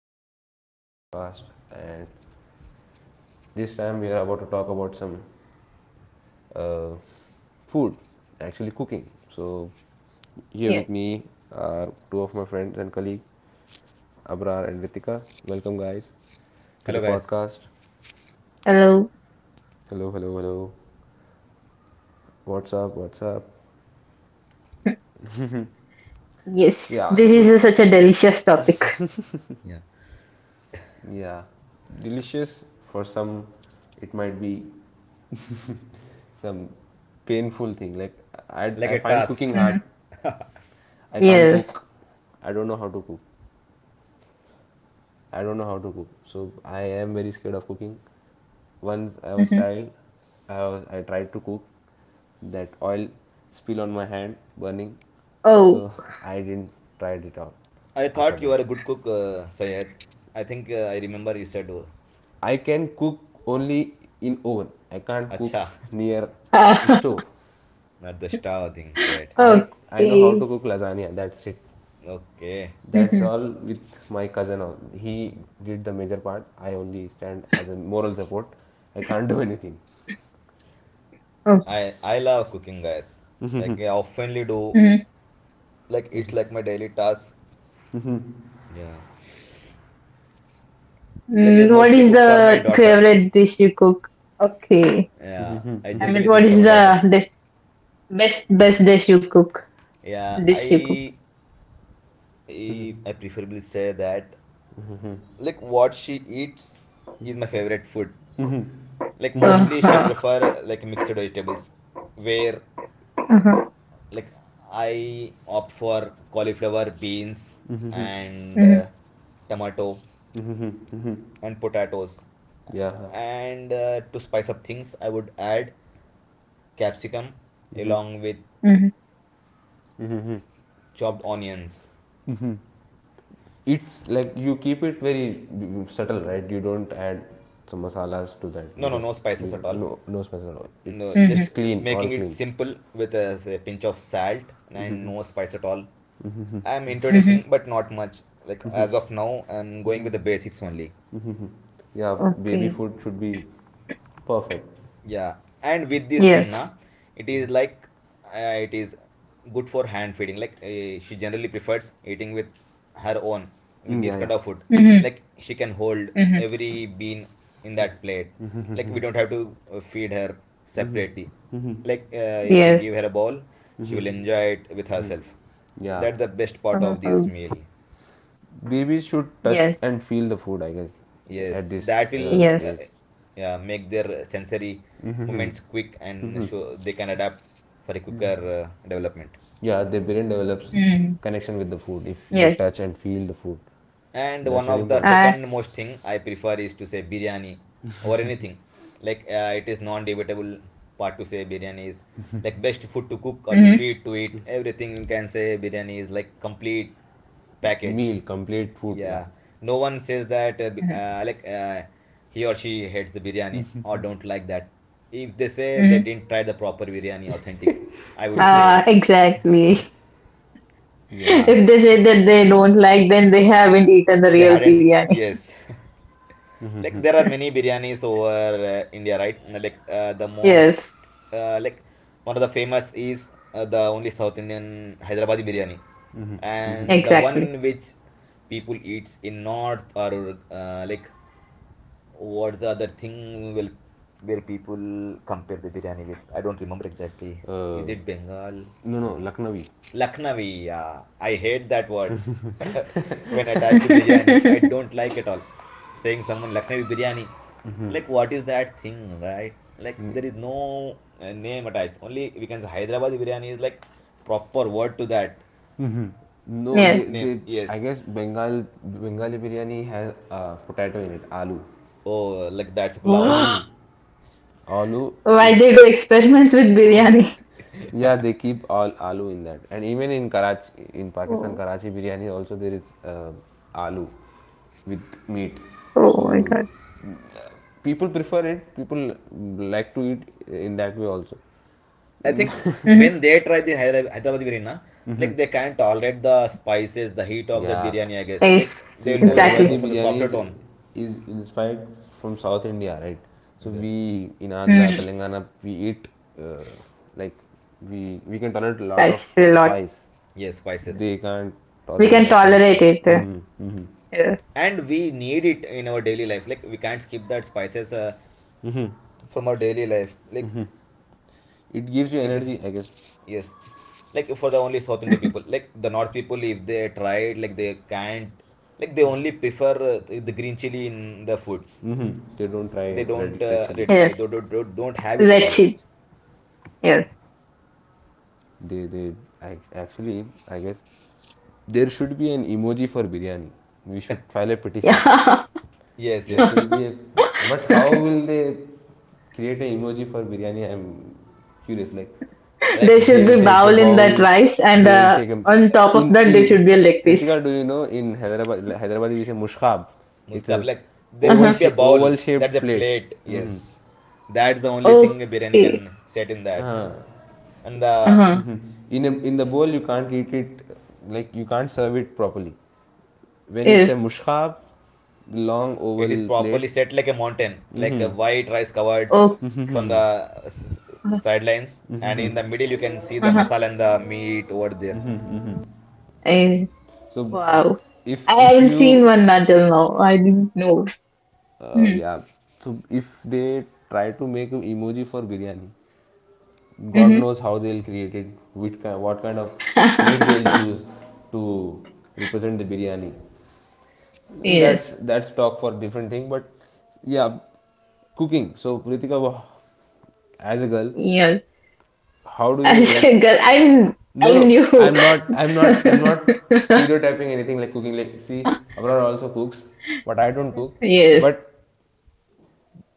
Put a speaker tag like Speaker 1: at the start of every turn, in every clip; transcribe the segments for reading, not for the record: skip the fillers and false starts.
Speaker 1: are back with another podcast, and this time we are about to talk about some uh, food, actually cooking. So, here with
Speaker 2: Yes.
Speaker 1: me are two of my friends and colleagues, Abrar and Ritika. Welcome, guys, to the
Speaker 3: Hello, guys.
Speaker 1: podcast.
Speaker 2: Hello.
Speaker 1: Hello, hello, hello. What's up? What's up?
Speaker 2: Yes,
Speaker 1: Yeah,
Speaker 2: this is
Speaker 1: so,
Speaker 2: such a delicious topic.
Speaker 3: Yeah.
Speaker 1: yeah, delicious for some, it might be some painful thing. Like, I,
Speaker 3: Like
Speaker 1: I
Speaker 3: a
Speaker 1: find cooking
Speaker 3: task.
Speaker 2: Mm-hmm.
Speaker 1: hard. I can't
Speaker 2: Yes.
Speaker 1: cook. I don't know how to cook. I don't know how to cook. So I am very scared of cooking. Once I was a
Speaker 2: Mm-hmm.
Speaker 1: child, I tried to cook. That oil spill on my hand, burning.
Speaker 2: Oh.
Speaker 1: So I didn't tried it out.
Speaker 3: I
Speaker 1: After
Speaker 3: thought you
Speaker 1: that,
Speaker 3: were a good cook, Sayed. I think I remember you said, oh,
Speaker 1: I can cook only in oven. I can't cook
Speaker 3: "Acha,"
Speaker 1: near the
Speaker 2: Ah,
Speaker 1: stove.
Speaker 3: not the star thing. You're right.
Speaker 1: I I know how to
Speaker 2: okay.
Speaker 1: cook lasagna. That's it.
Speaker 3: Okay.
Speaker 1: That's
Speaker 2: Mm-hmm.
Speaker 1: all. With my cousin, he did the major part. I only stand as a moral support. I can't do anything.
Speaker 2: Oh.
Speaker 3: I love cooking, guys. Like I oftenly do.
Speaker 2: Mm-hmm.
Speaker 3: Like it's like my daily task. Yeah. Like I
Speaker 2: Mm, what
Speaker 3: mostly
Speaker 2: is
Speaker 3: cook for my
Speaker 2: the
Speaker 3: daughter.
Speaker 2: favorite dish you cook? Okay.
Speaker 3: Yeah. I
Speaker 2: I mean,
Speaker 3: generally
Speaker 2: what
Speaker 3: cook for
Speaker 2: is
Speaker 3: my daughter.
Speaker 2: best dish you cook?
Speaker 3: Yeah.
Speaker 2: Dish you cook.
Speaker 3: I preferably say that like what she eats is my favorite food. Like mostly she
Speaker 2: Uh-huh.
Speaker 3: prefer like mixed vegetables where
Speaker 2: Uh-huh.
Speaker 3: like I opt for cauliflower beans and
Speaker 2: Mm-hmm.
Speaker 3: tomato and potatoes,
Speaker 1: Yeah,
Speaker 3: and to spice up things I would add capsicum along with
Speaker 2: Mm-hmm.
Speaker 3: chopped onions.
Speaker 1: it's like you keep it very subtle, right? You don't add some masalas to that
Speaker 3: No, no,
Speaker 1: because
Speaker 3: no spices at all.
Speaker 1: no, no special.
Speaker 3: No,
Speaker 1: it's
Speaker 2: Mm-hmm.
Speaker 1: it's
Speaker 3: just
Speaker 1: clean, all
Speaker 3: making it
Speaker 1: clean.
Speaker 3: simple with a, say, pinch of salt and no spice at all. I'm
Speaker 2: Mm-hmm.
Speaker 3: introducing, but not much. Like as of now, I'm going with the basics only.
Speaker 1: Yeah, baby
Speaker 2: Okay.
Speaker 1: food should be perfect.
Speaker 3: Yeah, and with this thing,
Speaker 2: Yes.
Speaker 3: na, it is like it is good for hand feeding. Like she generally prefers eating with her own with
Speaker 1: Mm, yeah,
Speaker 3: this kind
Speaker 1: yeah.
Speaker 3: of food.
Speaker 2: Mm-hmm.
Speaker 3: Like she can hold
Speaker 2: Mm-hmm.
Speaker 3: every bean in that plate. Like we don't have to feed her separately. Like if we
Speaker 2: Yes.
Speaker 3: give her a bowl, she will enjoy it with herself.
Speaker 1: Yeah,
Speaker 3: That's the best part
Speaker 2: Uh-huh.
Speaker 3: of this
Speaker 2: Oh,
Speaker 3: meal.
Speaker 1: babies should
Speaker 2: yes.
Speaker 1: touch and feel the food, I guess, at
Speaker 3: Yes,
Speaker 1: this
Speaker 3: that will
Speaker 2: Yes.
Speaker 1: age.
Speaker 3: yeah, make their sensory movements quick and show they can adapt for a quicker development.
Speaker 1: Yeah, their brain develops
Speaker 2: Mm-hmm.
Speaker 1: connection with the food if they
Speaker 2: Yes.
Speaker 1: touch and feel the food.
Speaker 3: And
Speaker 1: That's
Speaker 3: one
Speaker 1: very
Speaker 3: of the
Speaker 1: important.
Speaker 2: I
Speaker 3: second most thing I prefer is to say biryani or anything. Like it is non-debatable part to say biryani is like best food to cook or to
Speaker 2: Mm-hmm.
Speaker 3: feed to eat. Everything, you can say biryani is like complete package.
Speaker 1: Meal, complete food. Yeah,
Speaker 3: Yeah, no one says that
Speaker 2: Mm-hmm.
Speaker 3: he or she hates the biryani or don't like that. If they say, they
Speaker 2: Mm-hmm.
Speaker 3: didn't try the proper biryani authentic, I would say.
Speaker 2: Exactly.
Speaker 1: yeah.
Speaker 2: If they say that they don't like, then they haven't eaten the
Speaker 3: They
Speaker 2: real
Speaker 3: hadn't,
Speaker 2: biryani.
Speaker 3: yes. Like there are many biryanis over India, right? Like the most,
Speaker 2: Yes,
Speaker 3: uh, like one of the famous is the only South Indian Hyderabadi biryani, and the
Speaker 2: exactly.
Speaker 3: one which people eats in North or what's the other thing will where people compare the biryani with? I don't remember exactly. Is
Speaker 1: uh,
Speaker 3: it Bengal?
Speaker 1: no,
Speaker 3: No.
Speaker 1: no, lucknowi.
Speaker 3: Lucknowi, yeah. I hate that word. When attached to biryani, I don't like at all. Saying someone Lucknowi biryani, like what is that thing, right? Like there is no name attached. Only we can say Hyderabadi biryani is like proper word to that
Speaker 1: No, they
Speaker 2: Yes.
Speaker 3: name.
Speaker 1: they. I
Speaker 3: Yes.
Speaker 1: guess bengal bengali biryani has potato in it, aloo.
Speaker 3: Oh, like that's pulao, I
Speaker 1: Mm-hmm.
Speaker 3: guess.
Speaker 2: Wow.
Speaker 1: Aloo in.
Speaker 2: Why they do experiments with biryani?
Speaker 1: Yeah, they keep all aloo in that, and even in Karachi, in Pakistan,
Speaker 2: Oh,
Speaker 1: Karachi biryani also there is aloo with meat.
Speaker 2: oh my
Speaker 1: So
Speaker 2: God.
Speaker 1: uh, people prefer it. People like to eat in that way also.
Speaker 3: I think
Speaker 2: Mm-hmm.
Speaker 3: when they try the Hyderabad biryani, na, like they can't tolerate the spices, the heat of that
Speaker 1: Yeah.
Speaker 3: biryani. I guess like
Speaker 2: Yes,
Speaker 3: they
Speaker 1: See,
Speaker 3: will go
Speaker 2: exactly.
Speaker 1: Hyderabadi
Speaker 3: for the
Speaker 1: biryani
Speaker 3: softer tone.
Speaker 1: is inspired from South India, right? So
Speaker 3: Yes,
Speaker 1: we in Andhra,
Speaker 2: Mm-hmm.
Speaker 1: Telangana, we eat uh, like we can tolerate a lot of
Speaker 2: That's a lot.
Speaker 1: spice.
Speaker 3: yes, spices,
Speaker 1: They can't
Speaker 2: We
Speaker 1: tolerate
Speaker 2: can
Speaker 1: that kind of
Speaker 2: tolerate
Speaker 1: spice.
Speaker 2: it.
Speaker 1: Mm.
Speaker 2: Yes.
Speaker 3: and we need it in our daily life. Like we can't skip that spices from our daily life. Like
Speaker 1: It gives you
Speaker 3: it is,
Speaker 1: energy, I guess.
Speaker 3: yes, like for the only South Indian people. Like the North people, if they try it, like they can't. Like they only prefer uh, the green chili in the foods.
Speaker 1: Hmm. They don't try
Speaker 3: They
Speaker 1: red
Speaker 3: don't
Speaker 1: red chili.
Speaker 3: red, they
Speaker 2: Yes.
Speaker 3: don't have it at all.
Speaker 2: Let's eat. Yes.
Speaker 1: They they. I, actually I guess there should be an emoji for biryani. We should file a petition.
Speaker 3: Yes,
Speaker 1: There
Speaker 3: yes.
Speaker 1: should be a. But
Speaker 2: Yeah.
Speaker 1: how will they create an emoji for biryani? I'm curious. Like,
Speaker 3: Like
Speaker 2: There should
Speaker 1: they'll
Speaker 2: be
Speaker 1: take a
Speaker 2: bowl in that
Speaker 1: bowl,
Speaker 2: rice, and
Speaker 1: they'll take a.
Speaker 2: on top of
Speaker 1: In.
Speaker 2: that, there
Speaker 1: In
Speaker 2: should be a leg piece.
Speaker 1: Ritika, do you know in Hyderabad, like, Hyderabad we say mushkab? It's
Speaker 3: muskab,
Speaker 1: a
Speaker 3: like there
Speaker 1: oval
Speaker 3: won't
Speaker 2: Uh-huh.
Speaker 3: be a
Speaker 1: shape,
Speaker 3: bowl.
Speaker 1: oval
Speaker 3: That's a
Speaker 1: shaped plate.
Speaker 3: plate.
Speaker 1: Mm-hmm.
Speaker 3: Yes, that's the only thing a biryani
Speaker 2: Okay.
Speaker 3: can set in that,
Speaker 1: Uh,
Speaker 3: and the
Speaker 2: Uh-huh.
Speaker 1: in, a, in the bowl, you can't eat it, like, you can't serve it properly. When it's a
Speaker 2: Yes.
Speaker 1: mushkab, long
Speaker 3: it is
Speaker 1: oval plate,
Speaker 3: properly set like a mountain, like a
Speaker 1: hmm,
Speaker 3: white rice covered
Speaker 2: Oh.
Speaker 3: from the sidelines, and in the middle you can see the
Speaker 2: Uh-huh.
Speaker 3: masala and the meat over there.
Speaker 2: Eh,
Speaker 1: so
Speaker 2: wow.
Speaker 1: if
Speaker 2: I
Speaker 1: if
Speaker 2: haven't seen
Speaker 1: you
Speaker 2: one until now. I didn't know. Mm-hmm.
Speaker 1: Yeah. So if they try to make an emoji for biryani, God knows how they'll create it, which kind, what kind of plate they'll choose to represent the biryani.
Speaker 2: Yes.
Speaker 1: That's talk for different thing. But yeah, cooking. So Prithika, as a girl,
Speaker 2: Yes.
Speaker 1: how do you
Speaker 2: I
Speaker 1: like?
Speaker 2: said, I
Speaker 1: No, no.
Speaker 2: knew.
Speaker 1: I'm not. I'm not. I'm not stereotyping anything like cooking. Like see, Abrar also cooks, but I don't cook.
Speaker 2: Yes.
Speaker 1: But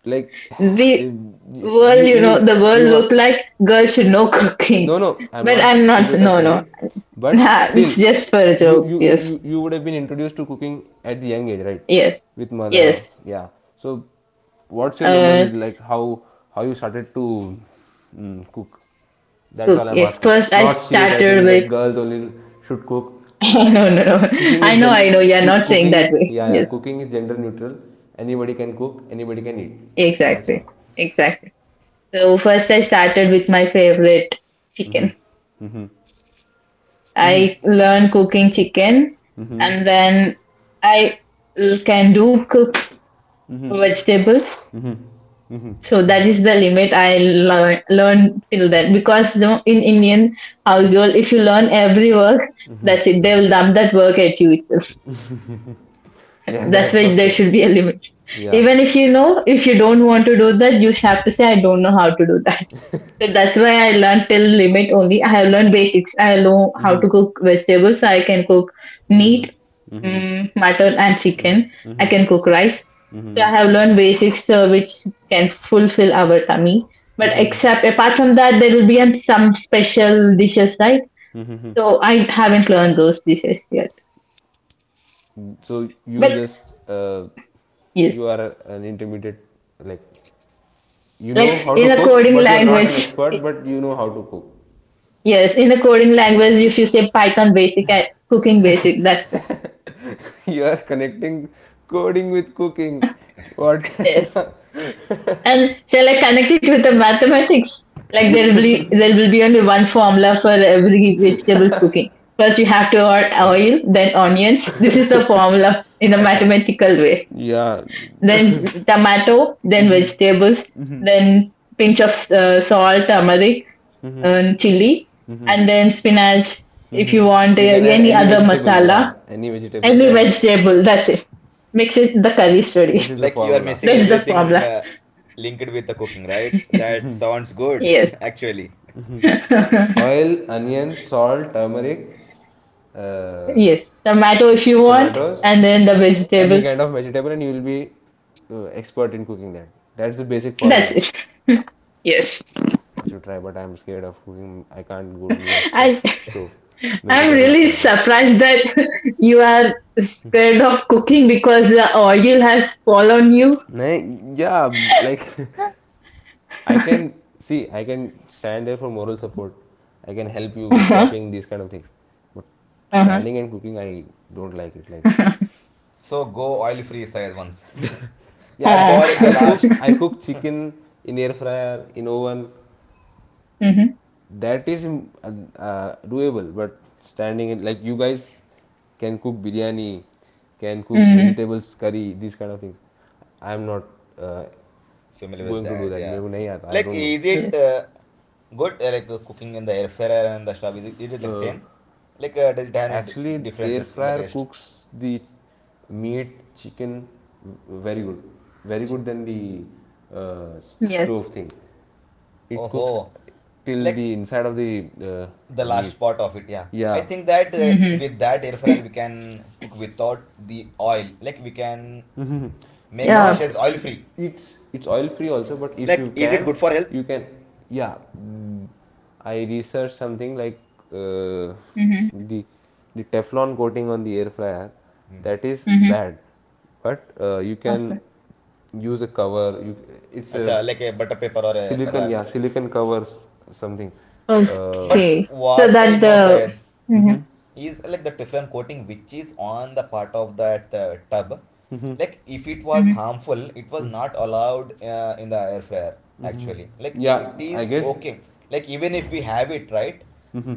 Speaker 1: like
Speaker 2: The
Speaker 1: um, you
Speaker 2: world, you
Speaker 1: you
Speaker 2: know, the world
Speaker 1: you were.
Speaker 2: look like girls should know
Speaker 1: No,
Speaker 2: cooking.
Speaker 1: no, I'm
Speaker 2: But
Speaker 1: not
Speaker 2: I'm not. No,
Speaker 1: stereotyping
Speaker 2: no.
Speaker 1: it, but
Speaker 2: Nah,
Speaker 1: still
Speaker 2: it's just for a joke. Yes,
Speaker 1: you would have been introduced to cooking at the young age, right,
Speaker 2: yes,
Speaker 1: with mother?
Speaker 2: yes.
Speaker 1: Yeah, so what's your memory
Speaker 2: Uh,
Speaker 1: like? How you started to mm, cook? That's all I'm
Speaker 2: okay.
Speaker 1: asking.
Speaker 2: First, I
Speaker 1: Not
Speaker 2: started
Speaker 1: stereotyping
Speaker 2: with.
Speaker 1: that girls only should cook.
Speaker 2: No, no, no. I
Speaker 1: Cooking
Speaker 2: know,
Speaker 1: is
Speaker 2: I
Speaker 1: gen.
Speaker 2: know. You're not saying that
Speaker 1: Cooking.
Speaker 2: way.
Speaker 1: Yeah,
Speaker 2: Yes,
Speaker 1: yeah, cooking is gender neutral. Anybody can cook, anybody can eat. That's
Speaker 2: exactly,
Speaker 1: all.
Speaker 2: exactly. So first, I started with my favorite chicken. I learned cooking chicken, and then I can do cook vegetables. So that is the limit I learned till then because you know, in Indian household, if you learn every work, that's it. They will dump that work at you itself.
Speaker 1: Yeah,
Speaker 2: That's
Speaker 1: that's for
Speaker 2: why there
Speaker 1: sure.
Speaker 2: should be a limit.
Speaker 1: Yeah.
Speaker 2: Even if you know, if you don't want to do that, you have to say, I don't know how to do that. So that's why I learned till limit only. I have learned basics. I know how to cook vegetables. So I can cook meat, mm, mutton, and chicken. I can cook rice. I have learned basics which can fulfill our tummy. But except apart from that, there will be some special dishes, right? So I haven't learned those dishes yet.
Speaker 1: So you
Speaker 2: But
Speaker 1: just uh,
Speaker 2: yes,
Speaker 1: you are an intermediate, like you know
Speaker 2: like
Speaker 1: how to
Speaker 2: in a
Speaker 1: cook,
Speaker 2: coding
Speaker 1: but you're not an
Speaker 2: language,
Speaker 1: expert, but you know how to cook.
Speaker 2: yes, in a coding language, if you say Python basic, cooking basic, that
Speaker 1: You are connecting coding with cooking. What?
Speaker 2: yes. And shall I connect it with the mathematics? Like there will be only one formula for every vegetables cooking. First you have to add oil, then onions. This is the formula in a mathematical way.
Speaker 1: Yeah.
Speaker 2: Then tomato, then vegetables, then pinch of salt, turmeric, and chili, and then spinach. If
Speaker 1: Hmm.
Speaker 2: you want
Speaker 1: You can add
Speaker 2: any
Speaker 1: any
Speaker 2: other
Speaker 1: vegetable.
Speaker 2: masala,
Speaker 1: Yeah, any vegetable,
Speaker 2: any
Speaker 1: and
Speaker 2: vegetable, that's it. Mix it. The curry is
Speaker 1: this
Speaker 2: ready.
Speaker 1: is the
Speaker 3: Like you are
Speaker 1: formula:
Speaker 3: missing
Speaker 2: That's the
Speaker 3: everything
Speaker 2: formula.
Speaker 3: linked with the cooking, right? That sounds good,
Speaker 2: Yes.
Speaker 3: actually.
Speaker 1: oil, onion, salt, turmeric, uh,
Speaker 2: Yes, tomato if you want,
Speaker 1: tomatoes,
Speaker 2: and then the
Speaker 1: any
Speaker 2: vegetables.
Speaker 1: kind of vegetable, and you will be expert in cooking that. That's the basic
Speaker 2: That's
Speaker 1: formula.
Speaker 2: it. Yes.
Speaker 1: I should try, but I'm scared of cooking. I can't go nearest the
Speaker 2: I
Speaker 1: stove. मेरे को
Speaker 2: I'm
Speaker 1: डर लगता
Speaker 2: really
Speaker 1: है भाई.
Speaker 2: surprised that you are scared of cooking because the oil has fallen you.
Speaker 1: नहीं या like I can see I can stand there for moral support. I can help you with
Speaker 2: uh-huh.
Speaker 1: Chopping this kind of things but
Speaker 2: Uh-huh.
Speaker 1: standing and cooking I don't like it, like.
Speaker 3: So go oil free side once.
Speaker 1: Yeah,
Speaker 3: Add the
Speaker 2: Ah.
Speaker 3: oil at the last.
Speaker 1: I
Speaker 2: mm-hmm.
Speaker 1: cook chicken in air fryer, in oven. That is uh, doable. But standing in, like, you guys can cook biryani, can cook
Speaker 2: Mm-hmm.
Speaker 1: vegetables curry, these kind of things. I'm not uh,
Speaker 3: Familiar with
Speaker 1: going to do
Speaker 3: that,
Speaker 1: that
Speaker 3: yeah.
Speaker 1: मेरे. I
Speaker 3: Like
Speaker 1: don't know.
Speaker 3: is it
Speaker 2: Yes.
Speaker 3: good cooking in the air fryer and the stove? Is it like
Speaker 1: uh,
Speaker 3: same? Like does it have any
Speaker 1: actually air
Speaker 3: differences in the
Speaker 1: fryer
Speaker 3: taste?
Speaker 1: cooks the meat, chicken, very good, very good than the uh,
Speaker 2: Yes.
Speaker 1: stove thing. It
Speaker 3: Oh
Speaker 1: cooks
Speaker 3: ho,
Speaker 1: till
Speaker 3: like
Speaker 1: the inside of the
Speaker 3: the
Speaker 1: meat.
Speaker 3: last part of it, yeah. I
Speaker 1: Yeah.
Speaker 3: think that
Speaker 2: Mm-hmm.
Speaker 3: with that air fryer we can cook without the oil. Like we can
Speaker 1: Mhm.
Speaker 3: make
Speaker 2: Yeah.
Speaker 1: Not.
Speaker 3: dishes oil free.
Speaker 1: It's. It's oil free also, but if you
Speaker 3: Like is it
Speaker 1: can,
Speaker 3: good for health?
Speaker 1: you can, yeah, mm, I researched something like uh,
Speaker 2: Mm-hmm.
Speaker 1: the the teflon coating on the air fryer,
Speaker 3: Hmm.
Speaker 1: that is
Speaker 2: Mm-hmm.
Speaker 1: bad. But you can
Speaker 2: Okay.
Speaker 1: use a cover. You, it's a
Speaker 3: Acha, like a butter paper or a
Speaker 1: silicon, yeah,
Speaker 3: wrap.
Speaker 1: silicon covers something. uh,
Speaker 3: But
Speaker 2: Okay. So
Speaker 3: what I
Speaker 2: that
Speaker 3: know,
Speaker 2: the.
Speaker 3: Syed,
Speaker 2: Mm-hmm.
Speaker 1: mhm.
Speaker 3: is like the Teflon coating which is on the part of that tub. Like if it was
Speaker 2: Mm-hmm.
Speaker 3: harmful, it was not allowed in the air fryer actually. Like it
Speaker 1: Yeah, I
Speaker 3: is
Speaker 1: guess
Speaker 3: okay. Like even if we have it right,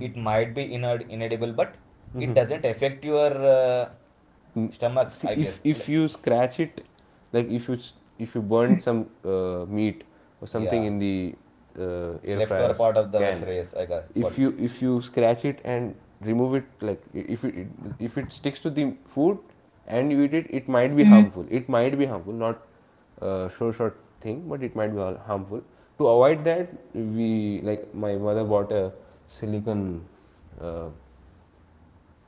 Speaker 3: it might be inedible, but it doesn't affect your
Speaker 1: mm,
Speaker 3: stomach,
Speaker 1: see,
Speaker 3: I
Speaker 1: if
Speaker 3: guess.
Speaker 1: if
Speaker 3: Like,
Speaker 1: you scratch it, like if you, if you burn some meat or something
Speaker 3: yeah,
Speaker 1: in the air
Speaker 3: leftover
Speaker 1: fryer's
Speaker 3: part of the air
Speaker 1: can,
Speaker 3: fryer. Yes, I got it.
Speaker 1: if you scratch it and remove it, like if it, if it sticks to the food and you eat it, it might be harmful. It might be harmful, not sure short thing, but it might be harmful. To avoid that, we, like, my mother bought a silicon uh,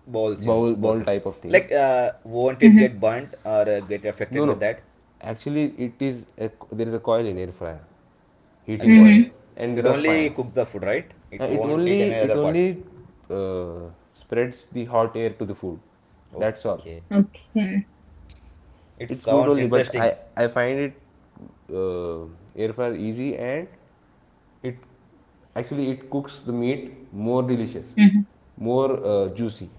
Speaker 3: Balls in
Speaker 1: bowl
Speaker 3: balls.
Speaker 1: bowl type of thing.
Speaker 3: Like won't it
Speaker 2: Mm-hmm.
Speaker 3: get burnt or get affected
Speaker 1: No,
Speaker 3: with
Speaker 1: no.
Speaker 3: that?
Speaker 1: Actually, it is a, there is a coil in air fryer, heating
Speaker 3: अच्छा अच्छा.
Speaker 1: coil,
Speaker 2: Mm-hmm.
Speaker 1: and
Speaker 3: It
Speaker 1: there are
Speaker 3: only
Speaker 1: fans.
Speaker 3: cooks the food, right? It won't eat any
Speaker 1: It
Speaker 3: other part.
Speaker 1: only spreads the hot air to the food. That's all.
Speaker 3: Okay,
Speaker 2: Okay.
Speaker 3: it
Speaker 1: It's good
Speaker 3: sounds
Speaker 1: only, but
Speaker 3: interesting.
Speaker 1: I find it uh, air fryer easy, and it actually it cooks the meat more delicious,
Speaker 2: Mhm.
Speaker 1: more juicy.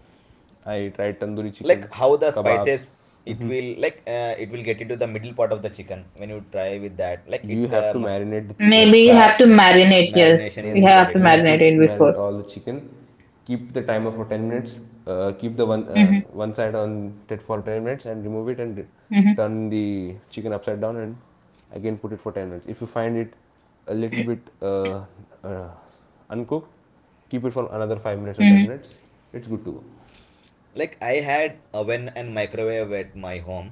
Speaker 1: I tried tandoori
Speaker 3: Like
Speaker 1: chicken,
Speaker 3: how the
Speaker 1: kebabs.
Speaker 3: spices, it will like it will get into the middle part of the chicken when you try with that. Like
Speaker 1: You
Speaker 3: it
Speaker 1: have to
Speaker 3: um,
Speaker 1: marinate the chicken
Speaker 2: Maybe you
Speaker 3: acha,
Speaker 1: first,
Speaker 2: have to marinate.
Speaker 3: marination
Speaker 2: Yes,
Speaker 3: is
Speaker 2: you
Speaker 1: and
Speaker 2: have
Speaker 3: important
Speaker 2: to
Speaker 3: in
Speaker 1: you have
Speaker 3: that.
Speaker 1: to
Speaker 2: marinate it
Speaker 1: marinate
Speaker 2: before.
Speaker 1: all the chicken. Keep the timer for 10 minutes. Keep the
Speaker 2: Hmm.
Speaker 1: one side on it for 10 minutes and remove it, and
Speaker 2: Hmm.
Speaker 1: turn the chicken upside down and again put it for 10 minutes. If you find it a little bit uh, uncooked, keep it for another 5 minutes or
Speaker 2: Hmm.
Speaker 1: 10 minutes. It's good to go.
Speaker 3: Like I had oven and microwave at my home.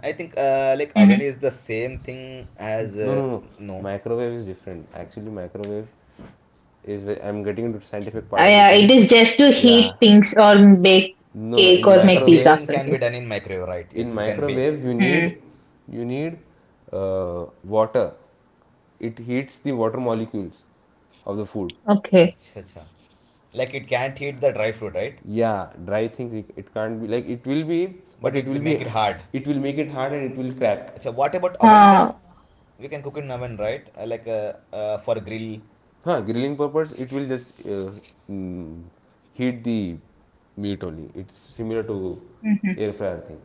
Speaker 3: I think like
Speaker 2: Hmm.
Speaker 3: oven is the same thing as
Speaker 1: No, no, no.
Speaker 3: no.
Speaker 1: Microwave is different. Actually, microwave is where I'm getting into scientific part of the
Speaker 2: Yeah, it
Speaker 1: things.
Speaker 2: is just to
Speaker 1: Yeah.
Speaker 2: heat things or bake
Speaker 1: No, no.
Speaker 2: cake
Speaker 1: In
Speaker 2: or
Speaker 3: Acha,
Speaker 2: make pizza
Speaker 1: microwave,
Speaker 3: baking can be
Speaker 2: something. So.
Speaker 3: done in microwave, right? Yes,
Speaker 1: in
Speaker 3: we can bake.
Speaker 1: microwave, you need
Speaker 2: Mm.
Speaker 1: you need water. It heats the water molecules of the food.
Speaker 2: Okay.
Speaker 3: अच्छा अच्छा. Like it can't heat the dry fruit, right?
Speaker 1: Yeah, dry things it, it can't be, like it will be, but
Speaker 3: But
Speaker 1: it will
Speaker 3: it make
Speaker 1: be,
Speaker 3: it hard.
Speaker 1: it will make it hard and it will crack.
Speaker 3: अच्छा, what about oven
Speaker 2: Uh,
Speaker 3: then? We can cook in oven, right? Like for grill.
Speaker 1: Huh, grilling purpose, it will just mm, heat the meat only. It's similar to
Speaker 2: hmm.
Speaker 1: air fryer thing.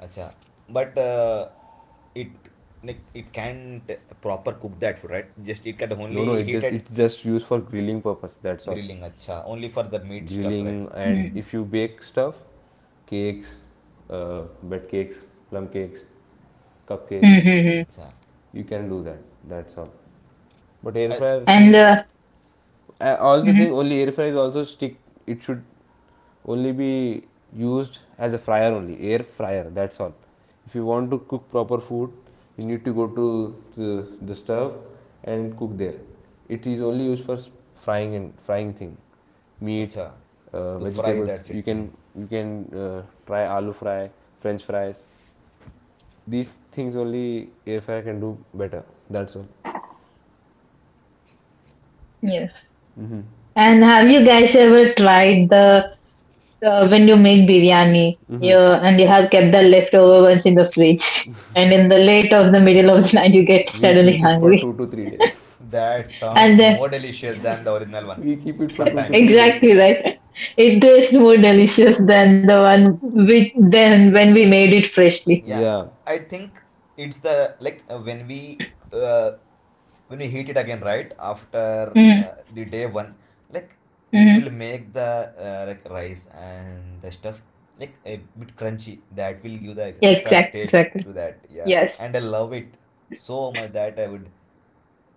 Speaker 3: अच्छा. But it like it can't proper cook that food, right? Just it can
Speaker 1: No, no,
Speaker 3: only
Speaker 1: it
Speaker 3: heat
Speaker 1: just,
Speaker 3: at
Speaker 1: it's just used for grilling purpose. That's all.
Speaker 3: grilling. अच्छा, only for the meat stuff, right?
Speaker 1: Grilling, and
Speaker 3: Mm.
Speaker 2: Mm-hmm.
Speaker 1: if you bake stuff, cakes, bed cakes, plum cakes, cupcakes,
Speaker 2: Mm-hmm.
Speaker 3: अच्छा,
Speaker 1: you can do that. That's all. But air
Speaker 3: I,
Speaker 1: fryer
Speaker 2: And
Speaker 1: thing, I also
Speaker 2: mhm,
Speaker 1: think only air fryer is also stick. It should only be used as a fryer only, air fryer, that's all. If you want to cook proper food, you need to go to the stove and cook there. It is only used for frying, and frying thing, meat,
Speaker 3: acha. To fry,
Speaker 1: vegetables.
Speaker 3: that's it.
Speaker 1: You can,
Speaker 3: Mm.
Speaker 1: you can uh, try aloo fry, french fries, these things only air fryer can do better. That's all.
Speaker 2: yes. And have you guys ever tried the when you make biryani, you have kept the leftover ones in the fridge, and in the late of the middle of the night you get
Speaker 1: We
Speaker 2: suddenly
Speaker 1: keep it for
Speaker 2: hungry,
Speaker 1: 2 to 3 days.
Speaker 3: That
Speaker 2: and
Speaker 3: sounds
Speaker 2: then
Speaker 3: more delicious than the original one.
Speaker 1: we keep it for 2 to
Speaker 3: Sometimes.
Speaker 1: 3 days
Speaker 2: exactly right. It tastes more delicious than the one with than when we made it freshly.
Speaker 3: Yeah,
Speaker 1: yeah.
Speaker 3: I think it's the like uh, when we heat it again right after
Speaker 2: Mm-hmm.
Speaker 3: the day one, like it
Speaker 2: Mm-hmm.
Speaker 3: will make the like rice and the stuff, like a bit crunchy. That will give the
Speaker 2: Yeah,
Speaker 3: extra
Speaker 2: exactly.
Speaker 3: taste
Speaker 2: Exactly.
Speaker 3: to that, yeah.
Speaker 2: Yes.
Speaker 3: And I love it so much that I would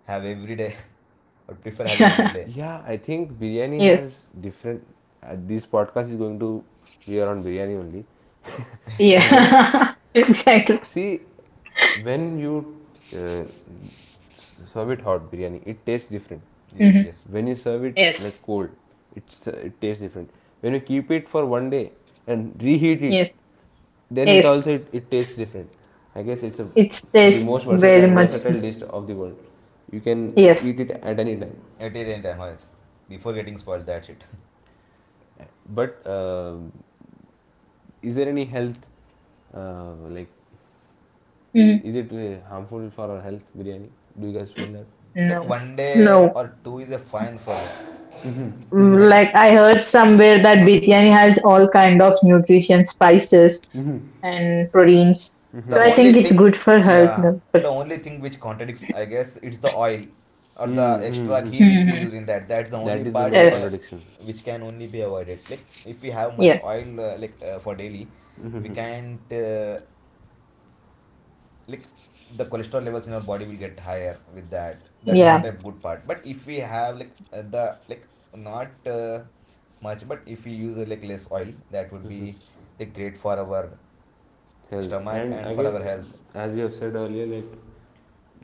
Speaker 3: have every day. I would prefer having every
Speaker 2: yes.
Speaker 3: day
Speaker 1: Yeah, I think biryani has different. This podcast is going to be around biryani only, I guess.
Speaker 2: Yeah. exactly.
Speaker 1: See, when you uh, s- serve it hot biryani, it tastes different.
Speaker 2: Mm-hmm.
Speaker 3: different. Yes,
Speaker 1: When you serve it
Speaker 2: Yes.
Speaker 1: like cold, it's it tastes different. When you keep it for one day and reheat it,
Speaker 2: Yes.
Speaker 1: then it
Speaker 2: Yes.
Speaker 1: also it tastes different. I guess it's a
Speaker 2: It
Speaker 1: the
Speaker 2: tastes
Speaker 1: most
Speaker 2: very much.
Speaker 1: versatile dish of the world. You can
Speaker 2: Yes.
Speaker 1: eat it at any time.
Speaker 3: at any time, yes. Before getting spoiled, that shit.
Speaker 1: But um, is there any health, like,
Speaker 2: Mm-hmm.
Speaker 1: is it harmful for our health, biryani? Do you guys feel that?
Speaker 2: No.
Speaker 3: Like one day
Speaker 2: No.
Speaker 3: or two is a fine for the
Speaker 2: Mm,
Speaker 3: like
Speaker 2: like I heard somewhere that biryani has all kind of nutrition, spices and proteins.
Speaker 3: the
Speaker 2: So I
Speaker 3: only
Speaker 2: think it's
Speaker 3: thing,
Speaker 2: good for health.
Speaker 3: yeah.
Speaker 2: No?
Speaker 3: The
Speaker 2: But—
Speaker 3: only thing which contradicts, I guess, it's the oil or the extra
Speaker 1: Hmm.
Speaker 3: ghee which we use
Speaker 2: mhm.
Speaker 3: in that. That's the only
Speaker 1: That is the
Speaker 3: part,
Speaker 1: main
Speaker 2: Yes.
Speaker 1: contradiction.
Speaker 3: which can only be avoided. Like if we have much
Speaker 2: Yeah.
Speaker 3: oil for daily, we can't, like the cholesterol levels in our body will get higher with that. That's not
Speaker 2: Yeah.
Speaker 3: a good part. But if we have like the like not much, but if we use like less oil, that would be
Speaker 1: Mm-hmm.
Speaker 3: like great for our
Speaker 1: Health.
Speaker 3: stomach
Speaker 1: And
Speaker 3: and
Speaker 1: I
Speaker 3: for
Speaker 1: guess,
Speaker 3: our health.
Speaker 1: as you have said earlier, like,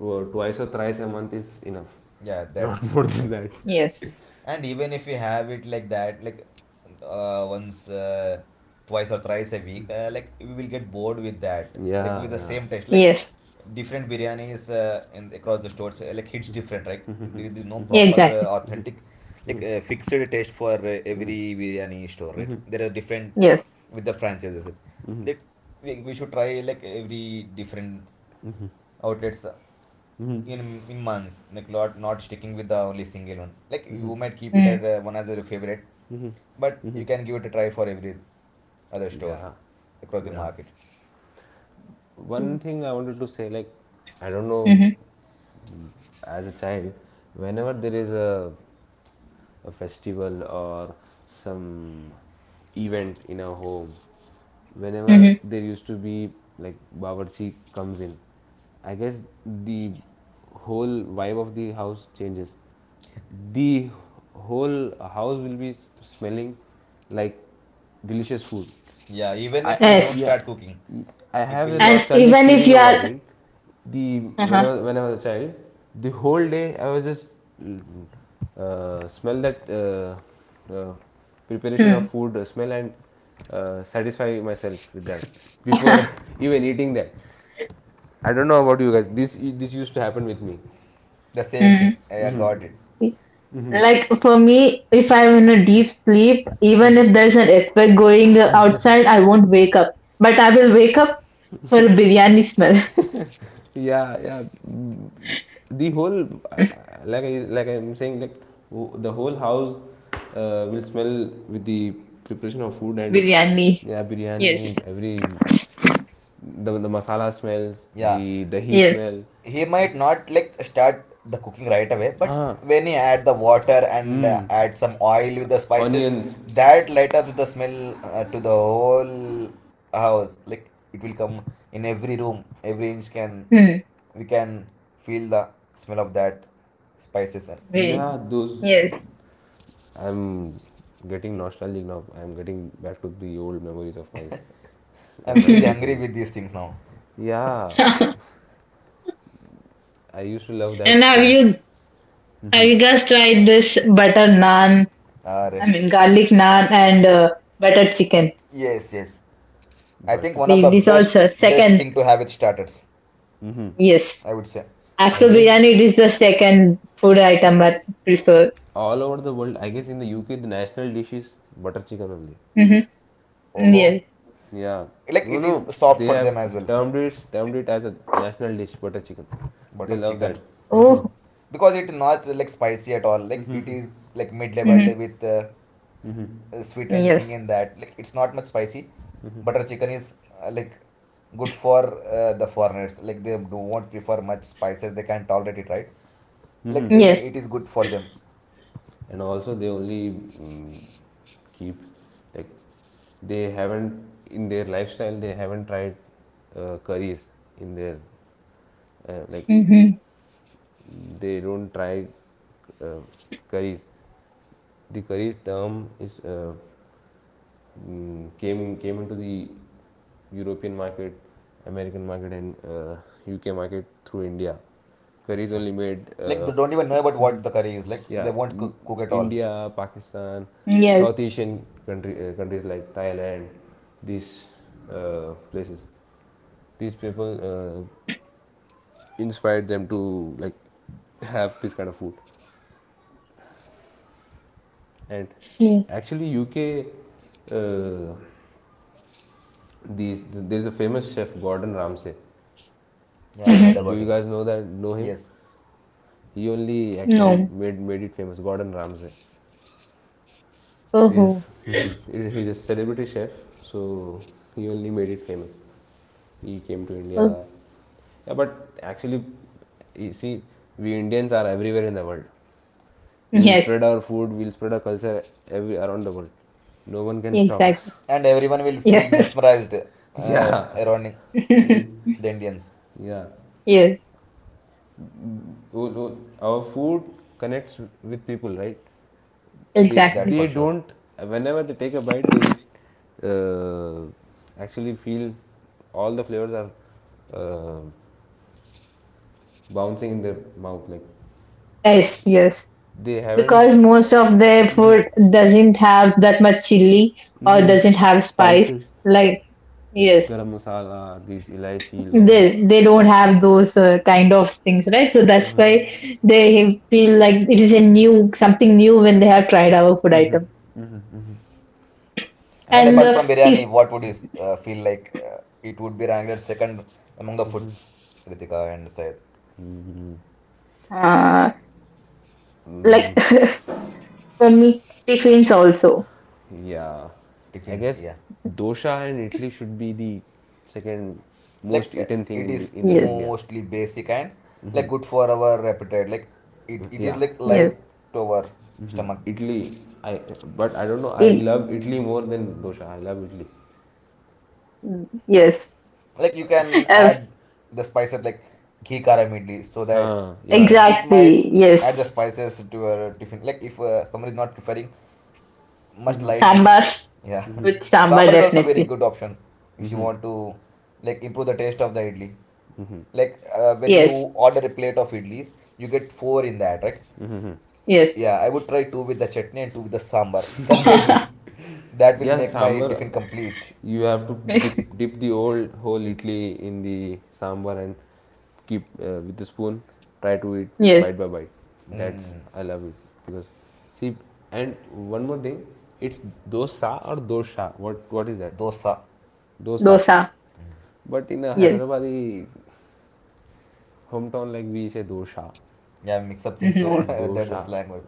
Speaker 1: twice or thrice a month is enough.
Speaker 3: Yeah,
Speaker 1: Not
Speaker 3: that's
Speaker 1: more than
Speaker 3: good.
Speaker 1: that.
Speaker 2: Yes.
Speaker 3: And even if we have it like that, like once, twice or thrice a week, like we will get bored with that. Like
Speaker 1: Yeah,
Speaker 3: with the
Speaker 1: yeah.
Speaker 3: same taste, like
Speaker 2: Yes.
Speaker 3: different biryanis in across the stores, like hits different, right? There is no proper
Speaker 2: Exactly.
Speaker 3: authentic, like fixed taste for
Speaker 1: Hmm.
Speaker 3: every biryani store, right?
Speaker 1: Hmm.
Speaker 3: There are different
Speaker 2: Yes.
Speaker 3: with the franchises. That we should try like every different outlets in in months. Like lot not sticking with the only single one. Like you might keep it
Speaker 2: Mm.
Speaker 3: at one as your favorite, but you can give it a try for every other store
Speaker 1: Yeah,
Speaker 3: across the
Speaker 1: yeah.
Speaker 3: market.
Speaker 2: Mm.
Speaker 1: One thing I wanted to say, like, I don't know,
Speaker 2: Mm-hmm.
Speaker 1: as a child, whenever there is a festival or some event in our home, whenever
Speaker 2: Mm-hmm.
Speaker 1: there used to be like Bawarchi comes in, I guess the whole vibe of the house changes. The whole house will be smelling like delicious food.
Speaker 3: Yeah, even if you don't
Speaker 2: Yes.
Speaker 1: Yeah,
Speaker 3: start cooking,
Speaker 1: I
Speaker 3: it
Speaker 1: have a
Speaker 3: will.
Speaker 2: And
Speaker 1: nostalgic
Speaker 2: even if
Speaker 1: feeling
Speaker 2: you
Speaker 1: about
Speaker 2: are,
Speaker 1: it the
Speaker 2: uh-huh.
Speaker 1: when I was a child, the whole day I was just mm, smell that preparation of
Speaker 2: Mm.
Speaker 1: food smell and satisfy myself with that before even eating that. I don't know about you guys. This used to happen with me.
Speaker 3: The same thing,
Speaker 2: mm.
Speaker 3: I got it.
Speaker 2: Like for me, if I'm in a deep sleep, even if there's an earthquake going outside, I won't wake up. But I will wake up for biryani smell.
Speaker 1: Yeah, yeah. mm, The whole like I like I'm saying like w- the whole house will smell with the preparation of food and
Speaker 2: Biryani.
Speaker 1: yeah, biryani
Speaker 2: Yes.
Speaker 1: every. The masala smells,
Speaker 3: Yeah,
Speaker 1: the dahi
Speaker 2: Yes.
Speaker 1: smell.
Speaker 3: he might not like start the cooking right away, but
Speaker 1: Ah,
Speaker 3: when he add the water and
Speaker 1: mm.
Speaker 3: add some oil with the spices,
Speaker 1: Onions.
Speaker 3: that light up the smell to the whole house. Like it will come in every room, every inch, can
Speaker 2: Hmm.
Speaker 3: we can feel the smell of that spices and
Speaker 2: Biryani.
Speaker 1: Yeah, those.
Speaker 2: Yes.
Speaker 1: I'm getting nostalgic now. I'm getting back to the old memories of my
Speaker 3: I'm feeling
Speaker 1: myself
Speaker 3: hungry
Speaker 1: in.
Speaker 3: with these things now.
Speaker 1: Yeah, I used to love
Speaker 2: and
Speaker 1: that feeling.
Speaker 2: have you guys tried this butter naan
Speaker 3: Are
Speaker 2: I mean, garlic naan and butter chicken.
Speaker 3: yes, yes, I
Speaker 1: But
Speaker 3: think
Speaker 1: it,
Speaker 3: one of the
Speaker 2: This
Speaker 3: best
Speaker 2: also
Speaker 3: best
Speaker 2: second,
Speaker 3: thing to have with starters,
Speaker 1: hmm.
Speaker 2: yes.
Speaker 3: I would say.
Speaker 1: I
Speaker 2: After
Speaker 1: guess
Speaker 2: biryani, it is the second food item I prefer.
Speaker 1: all over the world, I guess in the UK, the national dish is butter chicken only.
Speaker 2: Mm-hmm.
Speaker 3: Oh,
Speaker 2: Yes.
Speaker 1: Yeah.
Speaker 3: like
Speaker 1: No,
Speaker 3: it is
Speaker 1: no.
Speaker 3: soft
Speaker 1: They
Speaker 3: for
Speaker 1: have
Speaker 3: them as well.
Speaker 1: termed it as a national dish, butter chicken. They
Speaker 3: Butter
Speaker 1: love
Speaker 3: chicken.
Speaker 1: that. Mm-hmm.
Speaker 2: Oh.
Speaker 3: Because it not like spicy at all. Like it is like mid level
Speaker 2: Mm-hmm.
Speaker 3: with sweet and thing
Speaker 2: Yes.
Speaker 3: in that. Like it's not much spicy. Butter chicken is like good for the foreigners. Like they do not prefer much spices. They can't tolerate it, right? Like
Speaker 1: Mm-hmm.
Speaker 2: Yes.
Speaker 3: it is good for them.
Speaker 1: And also they only keep like they haven't in their lifestyle, they haven't tried curries in their like
Speaker 2: Mm-hmm.
Speaker 1: they don't try uh, curries. The curries term is came into the European market, American market, and UK market through India. Curry is
Speaker 3: Acha.
Speaker 1: only made,
Speaker 3: Like they don't even know about
Speaker 1: mm-hmm.
Speaker 3: what the curry is. Like they
Speaker 1: Yeah,
Speaker 3: won't cook at all.
Speaker 1: India, Pakistan,
Speaker 2: Yes.
Speaker 1: South Asian country, countries like Thailand, these places. These people inspired them to like have this kind of food, and
Speaker 2: Yes.
Speaker 1: actually UK. Uh, These there's a famous chef Gordon Ramsay.
Speaker 3: Yeah, I've heard
Speaker 2: Mm-hmm.
Speaker 1: Do
Speaker 3: about
Speaker 1: you
Speaker 3: him.
Speaker 1: guys know that? Know him?
Speaker 3: Yes,
Speaker 1: He only actually
Speaker 2: No.
Speaker 1: made it famous. Gordon Ramsay. He's
Speaker 2: Oh.
Speaker 1: he's a celebrity chef, so he only made it famous. He came to
Speaker 2: Oh.
Speaker 1: India. Yeah, but actually, you see, we Indians are everywhere in the world. We'll
Speaker 2: Yes.
Speaker 1: spread our food, we'll spread our culture every around the world. No one can stop
Speaker 2: Exactly.
Speaker 1: us.
Speaker 3: and everyone will feel
Speaker 2: Yes.
Speaker 3: mesmerized
Speaker 1: yeah.
Speaker 3: around the Indians.
Speaker 1: Yeah.
Speaker 2: yes.
Speaker 1: Oh, no, our food connects with people, right? they
Speaker 3: That's
Speaker 2: Exactly.
Speaker 3: for
Speaker 1: they
Speaker 3: sure.
Speaker 1: don't whenever they take a bite, they will actually feel all the flavors are uh, bouncing in their mouth like
Speaker 2: Yes. Yes.
Speaker 1: they haven't.
Speaker 2: Because most of their food doesn't have that much chili or
Speaker 1: Hmm.
Speaker 2: doesn't have spice.
Speaker 1: Spices.
Speaker 2: Like yes
Speaker 1: Garam masala, these elaichi long,
Speaker 2: they don't have those kind of things right so that's why they feel like it is a new something new when they have tried our food item
Speaker 3: And
Speaker 2: and
Speaker 3: apart
Speaker 1: actually,
Speaker 3: from biryani, what would you feel like it would be ranked at second among the foods, Ritika and Syed?
Speaker 2: uh like
Speaker 1: mm,
Speaker 2: for me
Speaker 1: I,
Speaker 2: tiffins also
Speaker 1: yeah, I
Speaker 3: Tiffins,
Speaker 1: guess
Speaker 3: yeah.
Speaker 1: dosa and idli should be the second
Speaker 3: Like
Speaker 1: most eaten thing
Speaker 3: it
Speaker 1: in the,
Speaker 3: is
Speaker 1: in the
Speaker 2: yes
Speaker 1: india.
Speaker 3: mostly basic and like good for our appetite. Like it is
Speaker 1: Yeah,
Speaker 3: like
Speaker 1: yeah.
Speaker 2: yes
Speaker 3: light to our stomach.
Speaker 1: Italy. I but I don't know, I
Speaker 2: it
Speaker 1: love Italy more than dosa. I love Italy.
Speaker 2: yes
Speaker 3: Like you can
Speaker 2: uh,
Speaker 3: add the spices like ghee kara idli so that
Speaker 1: Ah, yeah,
Speaker 3: it
Speaker 1: yeah.
Speaker 3: it might
Speaker 2: exactly yes
Speaker 3: add the spices to your tiffin. Like if somebody is not preferring much lightly.
Speaker 2: sambar
Speaker 3: Yeah,
Speaker 2: with sambar
Speaker 3: sambar is also very
Speaker 2: definitely
Speaker 3: good option if you
Speaker 1: Mm-hmm.
Speaker 3: want to like improve the taste of the idli. Like
Speaker 2: yes
Speaker 3: when you order a plate of idlis, you get four in that, right?
Speaker 2: yes
Speaker 3: Yeah, I would try two with the chutney and two with the sambar separately. That will
Speaker 1: Yeah,
Speaker 3: make my tiffin
Speaker 1: sambar.
Speaker 3: complete.
Speaker 1: You have to dip the old whole Italy in the sambar and keep with the spoon. Try to eat
Speaker 2: yes
Speaker 1: bite by bite. That's
Speaker 3: Mm,
Speaker 1: I love it because see, and one more thing. It's dosa or dosha. What is that?
Speaker 3: dosa.
Speaker 1: Dosa.
Speaker 2: dosa
Speaker 1: But in a
Speaker 2: yes
Speaker 1: Hyderabadi hometown, like we say dosha.
Speaker 3: Yeah, mix up things. That's
Speaker 2: no
Speaker 3: the
Speaker 1: dosa
Speaker 3: slang word.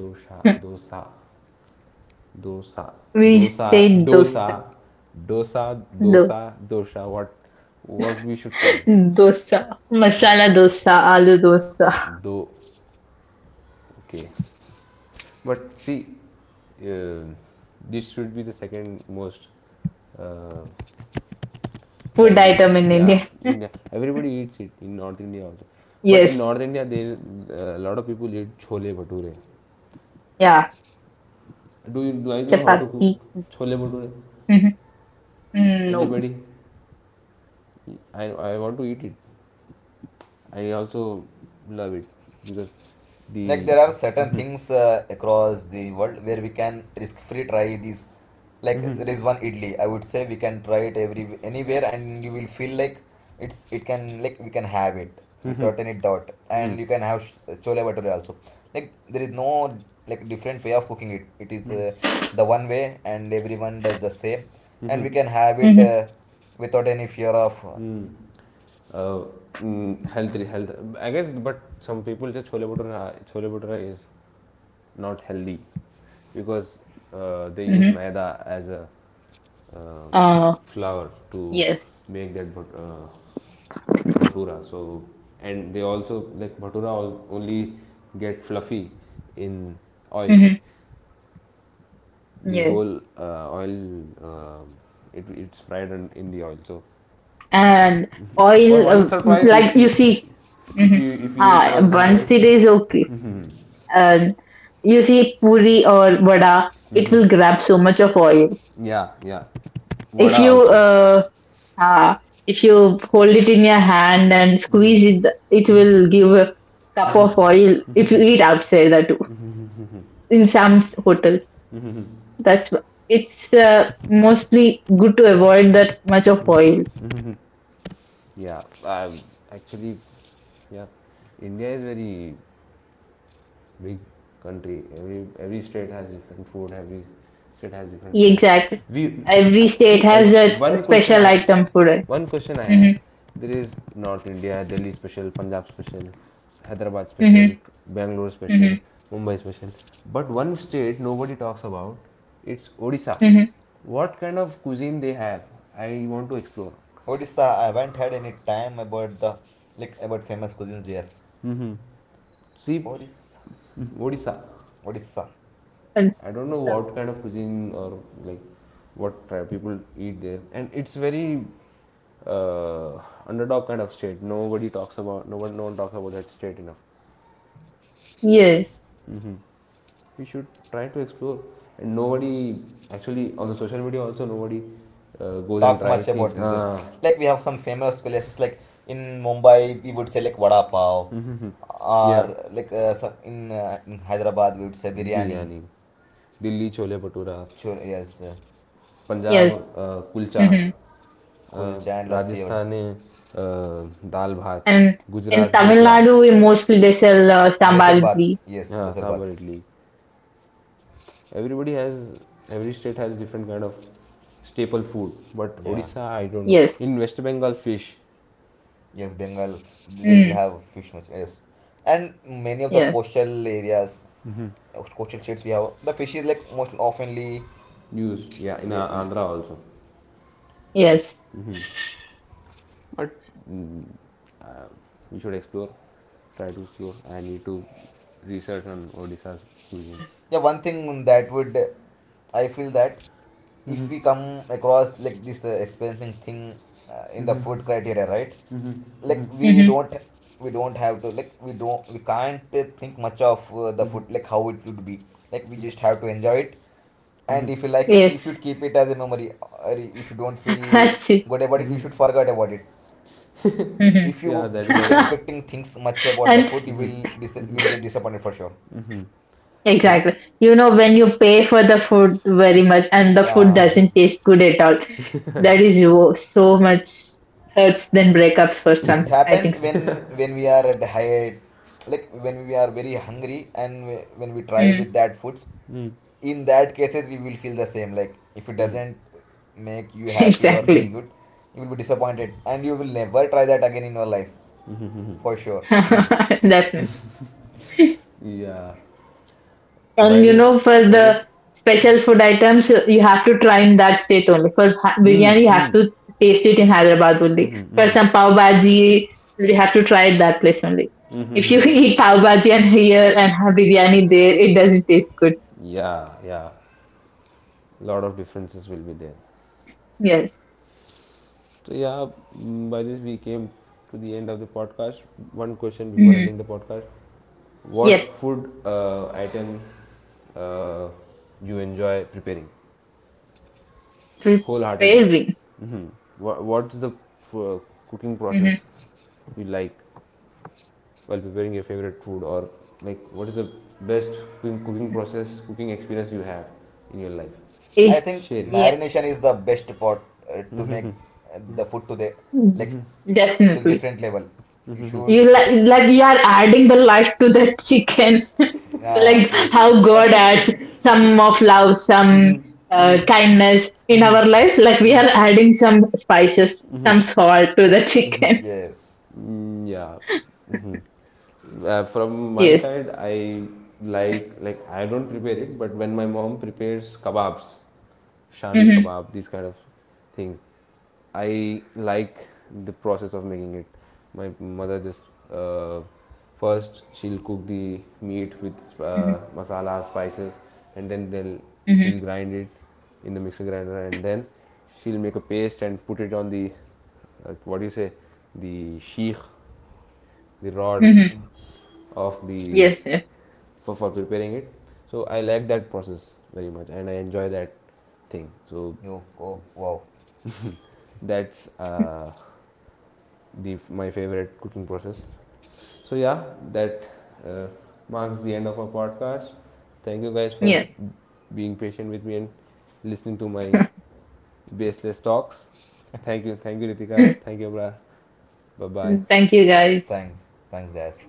Speaker 1: Dosa dosa dosa
Speaker 2: we
Speaker 1: dosa
Speaker 2: say
Speaker 1: dosa
Speaker 2: dosa.
Speaker 1: dosa dosa dosa what we should call it.
Speaker 2: Dosa, masala dosa, aloo dosa,
Speaker 1: Do, okay, but see uh, this should be the second most uh,
Speaker 2: food
Speaker 1: ranking.
Speaker 2: item in
Speaker 1: Yeah,
Speaker 2: India.
Speaker 1: india, everybody eats it in north india also. But in
Speaker 2: Yes,
Speaker 1: north india there a lot of people eat chole bhature.
Speaker 2: yeah,
Speaker 1: Do you do I know how
Speaker 2: chapati.
Speaker 1: to cook chole bhature,
Speaker 2: Hmm. No.
Speaker 1: anybody? I want to eat it. I also love it because
Speaker 3: Like
Speaker 1: the
Speaker 3: there are certain things across the world where we can risk free try these. Like there is one idli, I would say we can try it every anywhere, and you will feel like it's it can like we can have it without any doubt. And you can have chole bhature also. Like there is no like different way of cooking it. It is the one way and everyone does the same, and we can have it
Speaker 2: Hmm.
Speaker 3: without any fear of
Speaker 1: mm. uh, health health. I guess, but some people just chole bhatura is not healthy because they
Speaker 2: Hmm.
Speaker 1: use maida as a uh,
Speaker 2: Uh,
Speaker 1: flour to
Speaker 2: yes.
Speaker 1: make that bhatura. So and they also like bhatura only get fluffy in oil.
Speaker 2: Hmm.
Speaker 1: The
Speaker 2: Yes.
Speaker 1: whole oil it's fried in the oil. So
Speaker 2: And
Speaker 1: for
Speaker 2: oil,
Speaker 1: once or twice
Speaker 2: like
Speaker 1: it's
Speaker 2: you
Speaker 1: e-
Speaker 2: see, hmm,
Speaker 1: if
Speaker 2: ha,
Speaker 1: you eat once and
Speaker 2: once
Speaker 1: twice.
Speaker 2: it is okay, and you see puri or vada, it will grab so much of oil.
Speaker 1: Yeah, yeah,
Speaker 2: If
Speaker 1: vada
Speaker 2: you
Speaker 1: also.
Speaker 2: uh, Uh, if you hold it in your hand and squeeze it, it will give a cup of oil if you eat outside that too, in some hotels. It's mostly good to avoid that much of oil.
Speaker 1: Yeah, actually, yeah, india is very big country. Every state has different food. Every state has different spice.
Speaker 2: Exactly.
Speaker 1: We
Speaker 2: Every
Speaker 1: I
Speaker 2: state
Speaker 1: see I,
Speaker 2: has a
Speaker 1: one question
Speaker 2: special
Speaker 1: I,
Speaker 2: item for it.
Speaker 1: one question I
Speaker 2: Mm-hmm,
Speaker 1: have. There is North India, Delhi special, Punjab special, Hyderabad
Speaker 2: mm-hmm,
Speaker 1: special, Bangalore
Speaker 2: mm-hmm,
Speaker 1: special, Mumbai special. But one state nobody talks about. It's Odisha.
Speaker 2: mm-hmm.
Speaker 1: What kind of cuisine they have? I want to explore.
Speaker 3: odisha. I haven't had any time about the like about famous cuisines here.
Speaker 1: See,
Speaker 3: Odisha,
Speaker 1: Odisha.
Speaker 3: Odisha.
Speaker 1: I don't know
Speaker 2: So,
Speaker 1: what kind of cuisine, or like what tri- people eat there, and it's very uh, underdog kind of state. Nobody talks about, no one, no one talks about that state enough.
Speaker 2: yes.
Speaker 1: We should try to explore, and nobody actually on the social media also nobody goes and
Speaker 3: Talk so
Speaker 1: try
Speaker 3: much
Speaker 1: things.
Speaker 3: about this. Yes.
Speaker 1: Ah,
Speaker 3: Like we have some famous places like in Mumbai we would say like vada pav, or
Speaker 1: yeah,
Speaker 2: Uh,
Speaker 3: like in Hyderabad we would say biryani,
Speaker 1: biryani, Delhi chole
Speaker 2: yes.
Speaker 1: bhatura,
Speaker 3: chur yes,
Speaker 2: Mm-hmm.
Speaker 1: Punjab kulcha, uh,
Speaker 3: kulcha and lassi or
Speaker 1: Rajasthan में,
Speaker 2: And in
Speaker 1: dal
Speaker 2: Tamil
Speaker 1: भात,
Speaker 2: Nadu, we mostly
Speaker 1: Gujarat
Speaker 2: they
Speaker 1: dhokla.
Speaker 2: sell sambal idli.
Speaker 3: basil bath, yes,
Speaker 1: Yeah,
Speaker 3: basil
Speaker 1: sambar
Speaker 3: bath.
Speaker 1: idli. Everybody has every state has different kind of staple food, but
Speaker 3: Yeah,
Speaker 1: Odisha, I don't know.
Speaker 2: Yes.
Speaker 1: In West Bengal, fish
Speaker 3: yes, Bengal, they
Speaker 2: Mm.
Speaker 3: will have fish much, yes. And many of
Speaker 2: Yes.
Speaker 3: the coastal areas, coastal states, we have the fish is like most oftenly.
Speaker 1: use, yeah. In
Speaker 3: you, you,
Speaker 1: Andhra also,
Speaker 2: Yes.
Speaker 1: but mm, uh, we should explore, try to explore. I need to research on Odisha's cuisine.
Speaker 3: yeah, one thing that would I feel that if we
Speaker 1: Mm-hmm.
Speaker 3: come across like this experiencing thing in the food criteria, right? Like
Speaker 2: Mm-hmm.
Speaker 3: we don't have to, like we don't, we can't think much of the food, like how it would be. Like we just have to enjoy it, and if you like it,
Speaker 2: Yes.
Speaker 3: you should keep it as a memory, or if you don't feel
Speaker 2: That's it.
Speaker 3: good about it, you should forget about it.
Speaker 2: Mm-hmm.
Speaker 3: If
Speaker 1: Yeah,
Speaker 3: you
Speaker 1: that is
Speaker 3: keep
Speaker 1: also.
Speaker 3: expecting things much about the
Speaker 2: and
Speaker 3: food, you will you will get disappointed, for sure.
Speaker 1: I
Speaker 2: exactly. You know, when you pay for the food very much and the food
Speaker 3: Yeah,
Speaker 2: doesn't taste good at all, that is so much hurts than breakups for some.
Speaker 3: it
Speaker 2: I think
Speaker 3: happens
Speaker 2: so.
Speaker 3: when we are at high, like when we are very hungry and when we try
Speaker 2: Mm-hmm.
Speaker 3: with that foods,
Speaker 1: mm,
Speaker 3: in that cases we will feel the same. Like if it
Speaker 1: mm,
Speaker 3: doesn't make you happy or feel
Speaker 2: Exactly.
Speaker 3: good, you will be disappointed and you will never try that again in your life,
Speaker 1: mhm.
Speaker 3: for sure.
Speaker 2: Definitely.
Speaker 1: Yeah. By
Speaker 2: And you know,
Speaker 1: this,
Speaker 2: for
Speaker 1: I guess.
Speaker 2: the special food items, you have to try in that state only. For biryani,
Speaker 1: Mm,
Speaker 2: you have
Speaker 1: mm.
Speaker 2: to taste it in Hyderabad only. For some pav bhaji, you have to try it that place only. If you eat pav bhaji and here and have biryani there, it doesn't taste good.
Speaker 1: Yeah, yeah. Lot of differences will be there.
Speaker 2: Yes.
Speaker 1: So yeah, by this we came to the end of the podcast. One question before
Speaker 2: Mm-hmm.
Speaker 1: ending the podcast: what
Speaker 2: Yes.
Speaker 1: food item uh, you enjoy preparing wholeheartedly?
Speaker 2: Preparing.
Speaker 1: What's the f- cooking
Speaker 2: Mm-hmm.
Speaker 1: process you like while preparing your favorite food, or like what is the best cooking process, cooking experience you have in your life?
Speaker 3: I
Speaker 2: If,
Speaker 3: think
Speaker 1: Share. It.
Speaker 2: yeah.
Speaker 3: marination is the best part to make the food to the like to the
Speaker 2: Definitely.
Speaker 3: different level. You should,
Speaker 2: You like you are adding the life to the chicken
Speaker 3: uh,
Speaker 2: like
Speaker 3: yes.
Speaker 2: how god adds some of love some kindness in our life like we are adding some spices some salt to the chicken
Speaker 3: Yes.
Speaker 1: Mm, yeah. From my
Speaker 2: yes
Speaker 1: side, I like I don't prepare it, but when my mom prepares kebabs, shami
Speaker 2: mm-hmm,
Speaker 1: kebab, these kind of things, I like the process of making it. My mother just uh, first she'll cook the meat with
Speaker 2: mm-hmm,
Speaker 1: masala, spices, and then
Speaker 2: mm-hmm,
Speaker 1: she'll grind it in the mixer grinder, and then she'll make a paste and put it on the like what do you say, the sheikh, the rod
Speaker 3: Mm,
Speaker 2: Mm-hmm.
Speaker 1: of the,
Speaker 2: yes yes
Speaker 1: for preparing it. So I like that process very much and I enjoy that thing. So
Speaker 3: oh, oh wow.
Speaker 1: that's the, my favorite cooking process. So yeah, that uh, marks the end of our podcast. Thank you guys for
Speaker 2: yes
Speaker 1: being patient with me and listening to my baseless talks. Thank you, thank you, Ritika, thank you, Abrar. Bye bye.
Speaker 2: thank you guys
Speaker 3: Thanks, thanks, guys.